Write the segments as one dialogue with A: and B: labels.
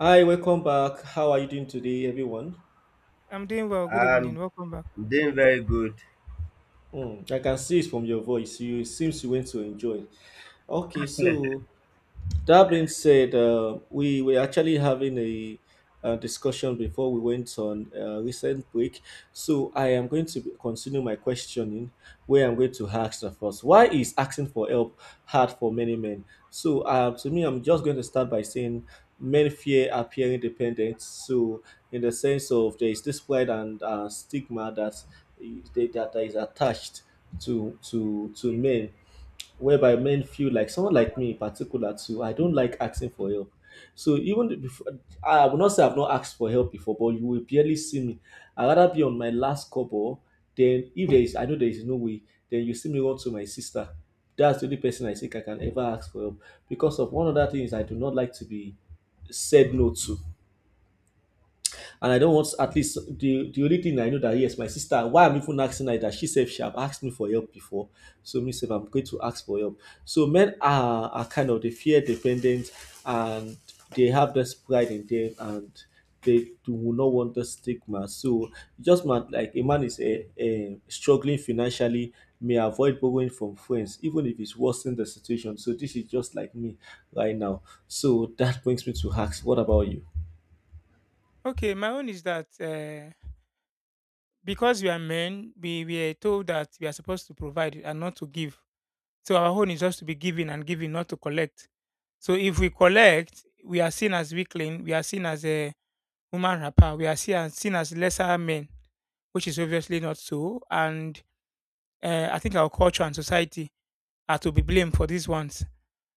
A: Hi, welcome back. How are you doing today, everyone?
B: I'm doing well. Good evening.
C: I'm
B: Welcome back.
C: doing very good.
A: Hmm, I can see it from your voice. You seems you went to enjoy. Okay, so that being said, we were actually having a discussion before we went on a recent break. So I am going to continue my questioning where I'm going to ask the first. Why is asking for help hard for many men? So to me, I'm just going to start by saying men fear appearing dependent. So in the sense of there is this pride and stigma that is attached to men, whereby men feel like someone like me in particular too, I don't like asking for help. So even before, I will not say I've not asked for help before, but you will barely see me. I rather be on my last couple, then if there is, I know there is no way, then you see me run to my sister. That's the only person I think I can ever ask for help, because of one other thing is I do not like to be said no to. And I don't want, at least the only thing I know, that yes, my sister. Why I'm even asking her is that she said she have asked me for help before, so me said I'm going to ask for help. So men are kind of they fear dependent, and they have this pride in them, and they do not want the stigma. So just man, like a man is a struggling financially, may avoid borrowing from friends even if it's worsening the situation. So this is just like me right now. So that brings me to Hacks. What about you?
B: Okay, my own is that because we are men, we are told that we are supposed to provide and not to give. So our own is just to be giving and giving, not to collect. So if we collect, we are seen as weakling. We are seen as a woman rapper. We are seen as, lesser men, which is obviously not so. And I think our culture and society are to be blamed for these ones.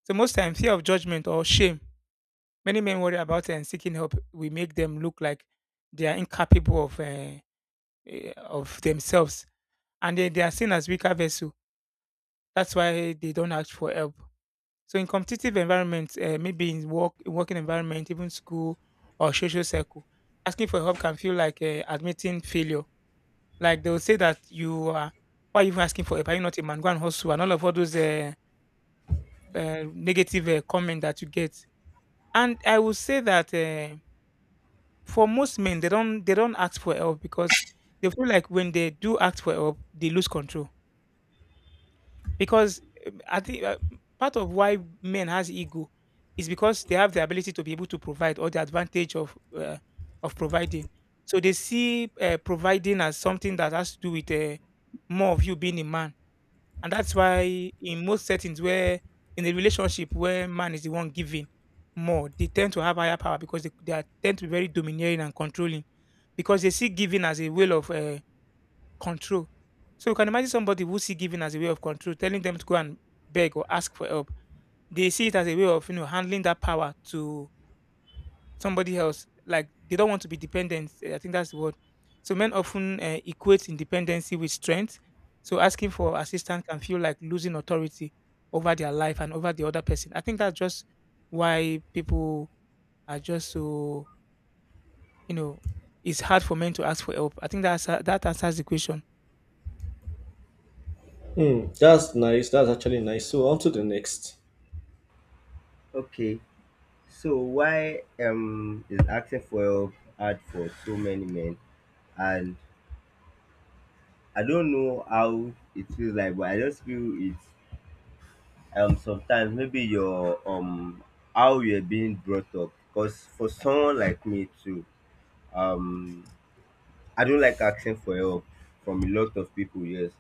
B: So most times, fear of judgment or shame, many men worry about and seeking help. We make them look like they are incapable of of themselves, and they are seen as weaker vessel. That's why they don't ask for help. So, in competitive environments, maybe in work, in working environment, even school or social circle, asking for help can feel like admitting failure. Like they will say that you are, why are you even asking for help? Are you not a man? Go and hustle, and all of all those negative comment that you get. And I will say that. For most men, they don't ask for help because they feel like when they do ask for help, they lose control. Because I think part of why men has ego is because they have the ability to be able to provide or the advantage of providing. So they see providing as something that has to do with more of you being a man, and that's why in most settings where in a relationship where man is the one giving more, they tend to have higher power because tend to be very domineering and controlling because they see giving as a way of control. So you can imagine somebody who see giving as a way of control, telling them to go and beg or ask for help. They see it as a way of handling that power to somebody else. Like they don't want to be dependent. I think that's the word. So men often equate independency with strength. So asking for assistance can feel like losing authority over their life and over the other person. I think that's just why people are just so, you know it's hard for men to ask for help. I think that's that answers the question.
A: Hmm, that's nice. That's actually nice. So on to the next.
C: Okay, so why is asking for help hard for so many men? And I don't know how it feels like, but I just feel it's sometimes maybe your how you're being brought up. Because for someone like me too, um I don't like asking for help from a lot of people. Yes,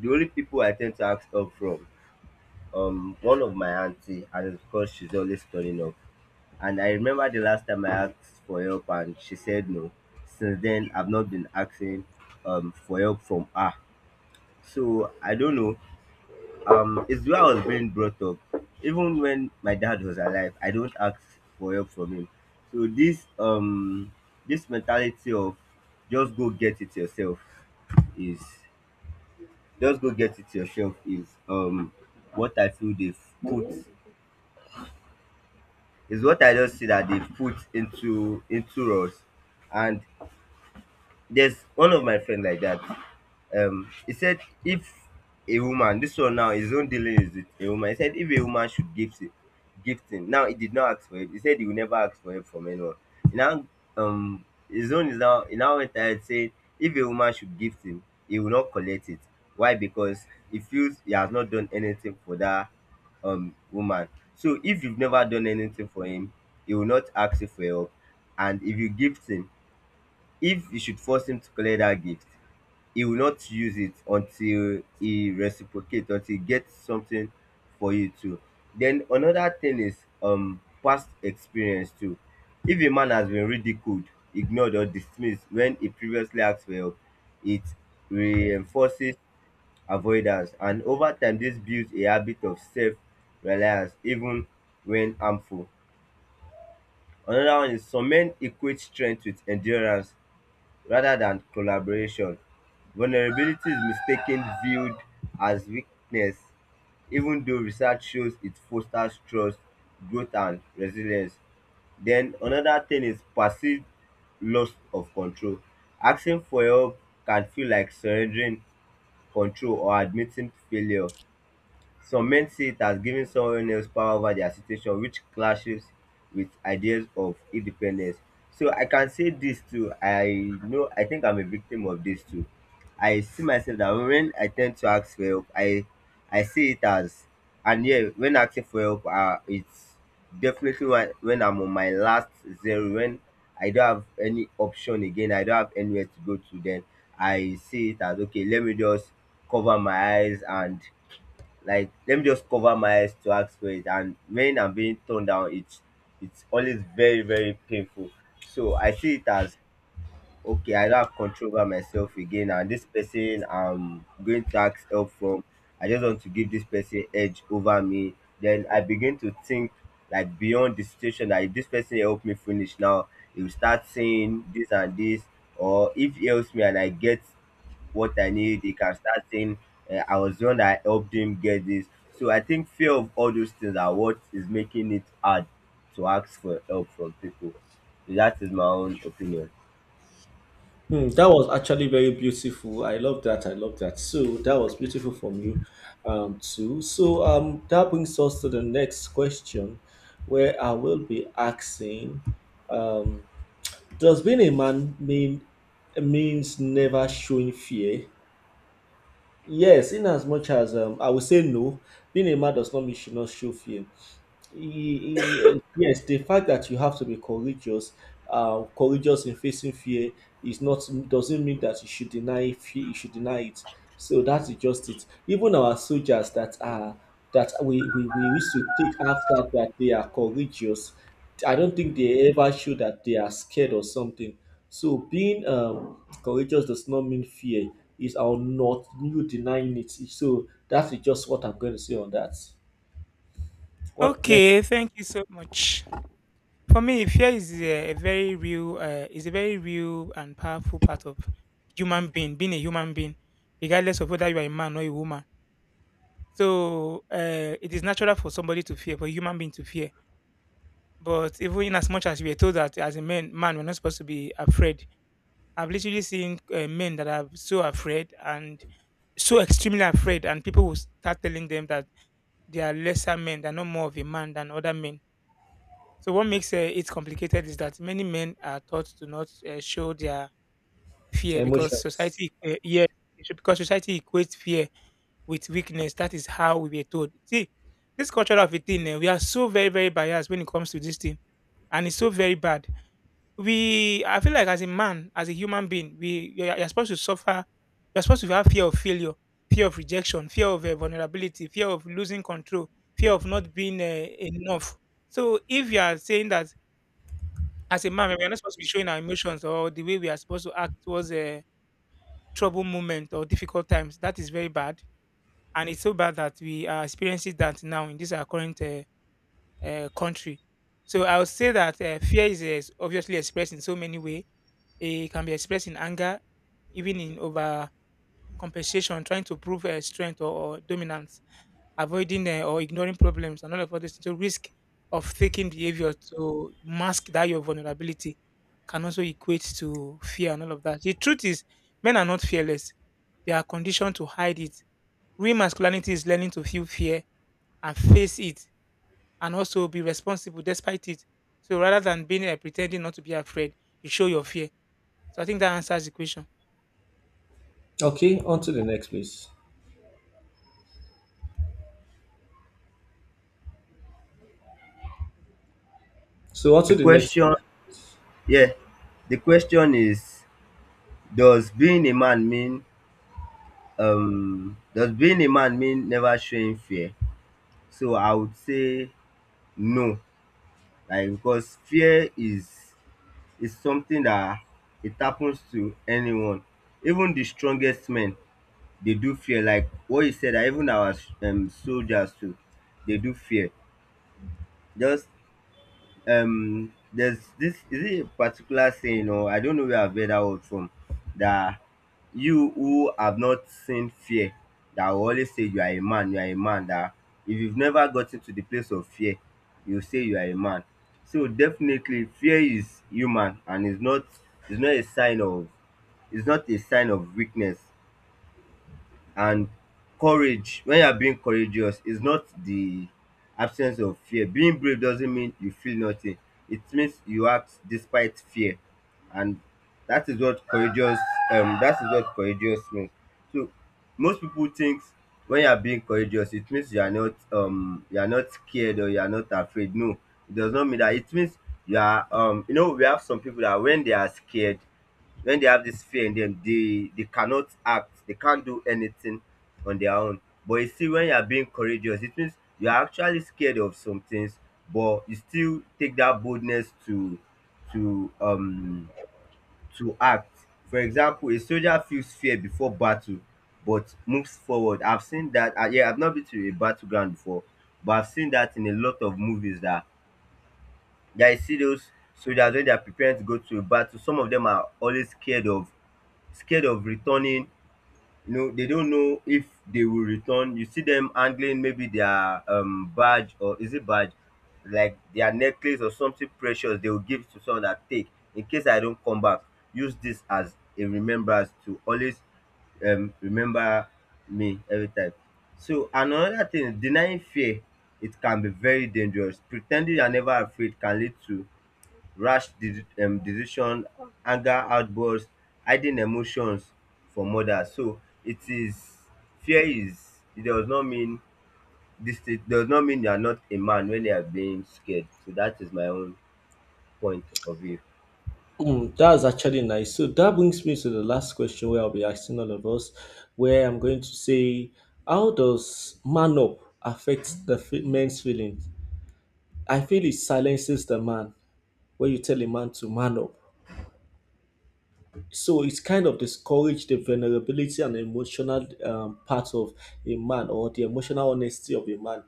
C: the only people I tend to ask help from one of my auntie, and it's because she's always turning up. And I remember the last time I asked for help and she said no. Since then, I've not been asking for help from her. So I don't know. It's where I was being brought up. Even when my dad was alive, I don't ask for help from him. So this mentality of just go get it yourself is just go get it yourself is what I feel they've put is what I just see that they've put into us, and there's one of my friend like that. He said if a woman, this one now, his own dealing is with a woman. He said if a woman should gift it, gift him. Now he did not ask for it. He said he will never ask for it from anyone. He now um, his own is now he now went ahead saying if a woman should gift him, he will not collect it. Why? Because he feels he has not done anything for that woman. So if you've never done anything for him, he will not ask you for help. And if you gift him, if you should force him to collect that gift, he will not use it until he reciprocates, until he gets something for you too. Then another thing is past experience too. If a man has been ridiculed, ignored or dismissed when he previously asked for help, it reinforces avoidance, and over time this builds a habit of self-reliance even when harmful. Another one is some men equate strength with endurance rather than collaboration. Vulnerability is mistaken viewed as weakness, even though research shows it fosters trust, growth, and resilience. Then another thing is perceived loss of control. Asking for help can feel like surrendering control or admitting failure. Some men see it as giving someone else power over their situation, which clashes with ideas of independence. So I can say this too. I know, I think I'm a victim of this too. I see myself that when I tend to ask for help, I see it as, and yeah, when asking for help, it's definitely when I'm on my last zero, when I don't have any option again, I don't have anywhere to go to, then I see it as okay, let me just cover my eyes and like let me just cover my eyes to ask for it. And when I'm being turned down, it's always very, very painful. So I see it as okay, I don't have control over myself again, and this person I'm going to ask help from, I just want to give this person edge over me. Then I begin to think like beyond the situation that if this person help me finish now, he will start saying this and this, or if he helps me and I get what I need, he can start saying, I was the one that helped him get this. So I think fear of all those things are what is making it hard to ask for help from people. So, that is my own opinion.
A: Hmm, that was actually very beautiful. I love that. I love that. So that was beautiful from you, too. So that brings us to the next question, where I will be asking, um, does being a man mean means never showing fear? Yes, in as much as I would say no, being a man does not mean you should not show fear. Yes, the fact that you have to be courageous, courageous in facing fear is not doesn't mean that you should deny fear. You should deny it. So that's just it. Even our soldiers that are that we used to take after, that they are courageous. I don't think they ever show that they are scared or something. So being courageous does not mean fear. Is our not you denying it? So that is just what I'm going to say on that. What next?
B: Okay, thank you so much. For me, fear is a very real, is a very real and powerful part of being a human being, regardless of whether you are a man or a woman. So it is natural for somebody to fear, for a human being to fear. But even in as much as we are told that as a man, we're not supposed to be afraid. I've literally seen men that are so afraid and so extremely afraid, and people will start telling them that they are lesser men, they're not more of a man than other men. So what makes it complicated is that many men are taught to not show their fear because
A: Emotions.
B: society, yes, because society equates fear with weakness. That is how we were told. See, this culture of a thing, we are so very, very biased when it comes to this thing, and it's so very bad. I feel like as a man, as a human being, you're supposed to suffer. You're supposed to have fear of failure, fear of rejection, fear of vulnerability, fear of losing control, fear of not being enough. So if you are saying that as a man, we are not supposed to be showing our emotions or the way we are supposed to act towards a trouble moment or difficult times. That is very bad, and it's so bad that we are experiencing that now in this our current country. So I would say that fear is obviously expressed in so many ways. It can be expressed in anger, even in over compensation, trying to prove strength or dominance, avoiding or ignoring problems and all of all this. So risk of faking behavior to mask that your vulnerability can also equate to fear and all of that. The truth is, men are not fearless. They are conditioned to hide it. Real masculinity is learning to feel fear and face it and also be responsible despite it. So rather than being pretending not to be afraid, you show your fear. So I think that answers the question.
A: Okay, on to the next, please. So, on to
C: The
A: the next,
C: question,
A: please.
C: yeah, the question is, does being a man mean, does being a man mean never showing fear? So I would say no, like because fear is something that it happens to anyone, even the strongest men. Dey do fear, like what you said, that even our soldiers too, they do fear. Just there's this, is it a particular saying or I don't know where I've heard that word from, that you who have not seen fear, that will always say you are a man, you are a man, that if you've never gotten to the place of fear, you say you are a man. So definitely fear is human and it's not, it's not a sign of, it's not a sign of weakness. And courage, when you are being courageous, is not the absence of fear. Being brave doesn't mean you feel nothing. It means you act despite fear. And that is what courageous that is what courageous means. So most people think when you are being courageous, it means you are not scared or you are not afraid. No, it does not mean that. It means you are you know, we have some people that when they are scared, when they have this fear in them, they cannot act, they can't do anything on their own. But you see, when you are being courageous, it means you are actually scared of some things, but you still take that boldness to to um to act. For example, a soldier feels fear before battle, but moves forward. I've seen that. Yeah, I've not been to a battleground before, but I've seen that in a lot of movies, that that you see those soldiers when they are preparing to go to a battle. Some of them are always scared of returning, you know, they don't know if they will return. You see them handling maybe their badge, or is it badge? Like their necklace or something precious, they will give to someone that, take in case I don't come back. Use this as a remembrance to always remember me every time. So and another thing, is denying fear, it can be very dangerous. Pretending you are never afraid can lead to rash de decision, anger outburst, hidden emotions from others. So it is, fear is, it does not mean, dis thing does not mean you are not a man when you are being scared. So dat is my own point of view.
A: Mm, that's actually nice. So, that brings me to the last question where I'll be asking all of us, where I'm going to say, how does man up affect the men's feelings? I feel it silences the man when you tell a man to man up. So it's kind of discourage the vulnerability and emotional, part of a man, or the emotional honesty of a man.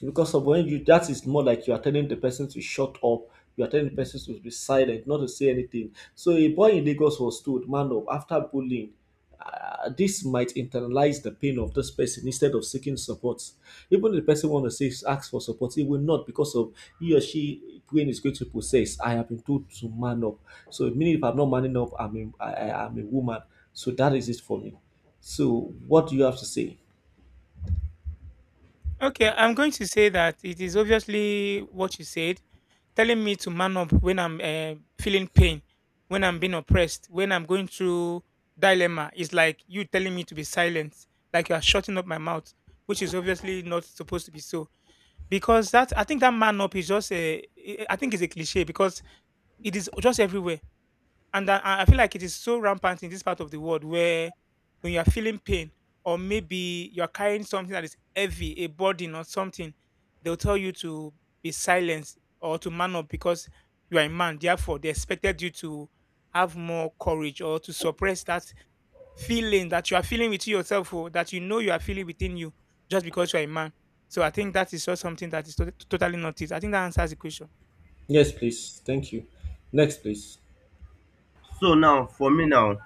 A: Because of when you, that is more like you are telling the person to shut up, you are telling the person to be silent, not to say anything. So a boy in Lagos was told, man up, after bullying, this might internalize the pain of this person instead of seeking support. Even if the person want to say ask for support, he will not because of he or she brain is going to process, I have been told to man up. So meaning if I'm not manning up, I'm a, I'm a woman. So that is it for me. So what do you have to say?
B: Okay, I'm going to say that it is obviously what you said, telling me to man up when I'm feeling pain, when I'm being oppressed, when I'm going through dilemma. It's like you telling me to be silent, like you are shutting up my mouth, which is obviously not supposed to be so. Because that I think that man up is just I think it's a cliche because it is just everywhere. And I feel like it is so rampant in this part of the world where when you are feeling pain or maybe you are carrying something that is heavy, a burden or something, they'll tell you to be silent or to man up because you are a man. Therefore, they expected you to have more courage or to suppress that feeling that you are feeling within yourself or that you know you are feeling within you just because you are a man. So I think that is just something that is totally not it. I think that answers the question.
A: Yes, please. Thank you. Next, please.
C: So now for me now,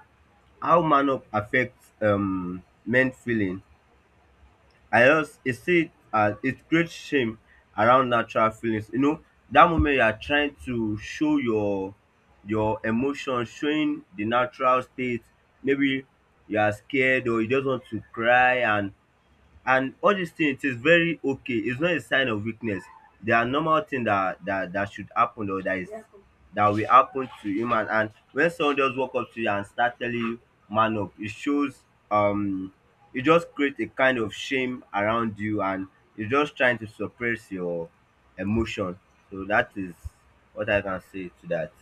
C: how man up affect men feeling, I just e see it as it creates shame around natural feelings. You know, dat moment you are trying to show your emotion, showing the natural state. Maybe you are scared or you just want to cry, and all these things, it is very okay, it's not a sign of weakness. They are normal thing that that that should happen, or that is that will happen to human. And when someone just walk up to you and start telling you man up, it shows um it just create a kind of shame around you, and you're just trying to suppress your emotion. So that is what I can say to that.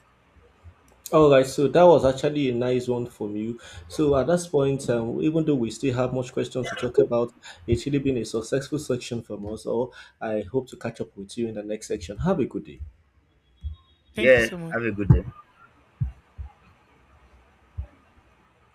A: All right, so that was actually a nice one from you. So at this point, even though we still have much questions to talk about, it's really been a successful section from us all. I hope to catch up with you in the next section. Have a good day.
B: Thank you
C: Yeah,
B: so much.
C: have a good day.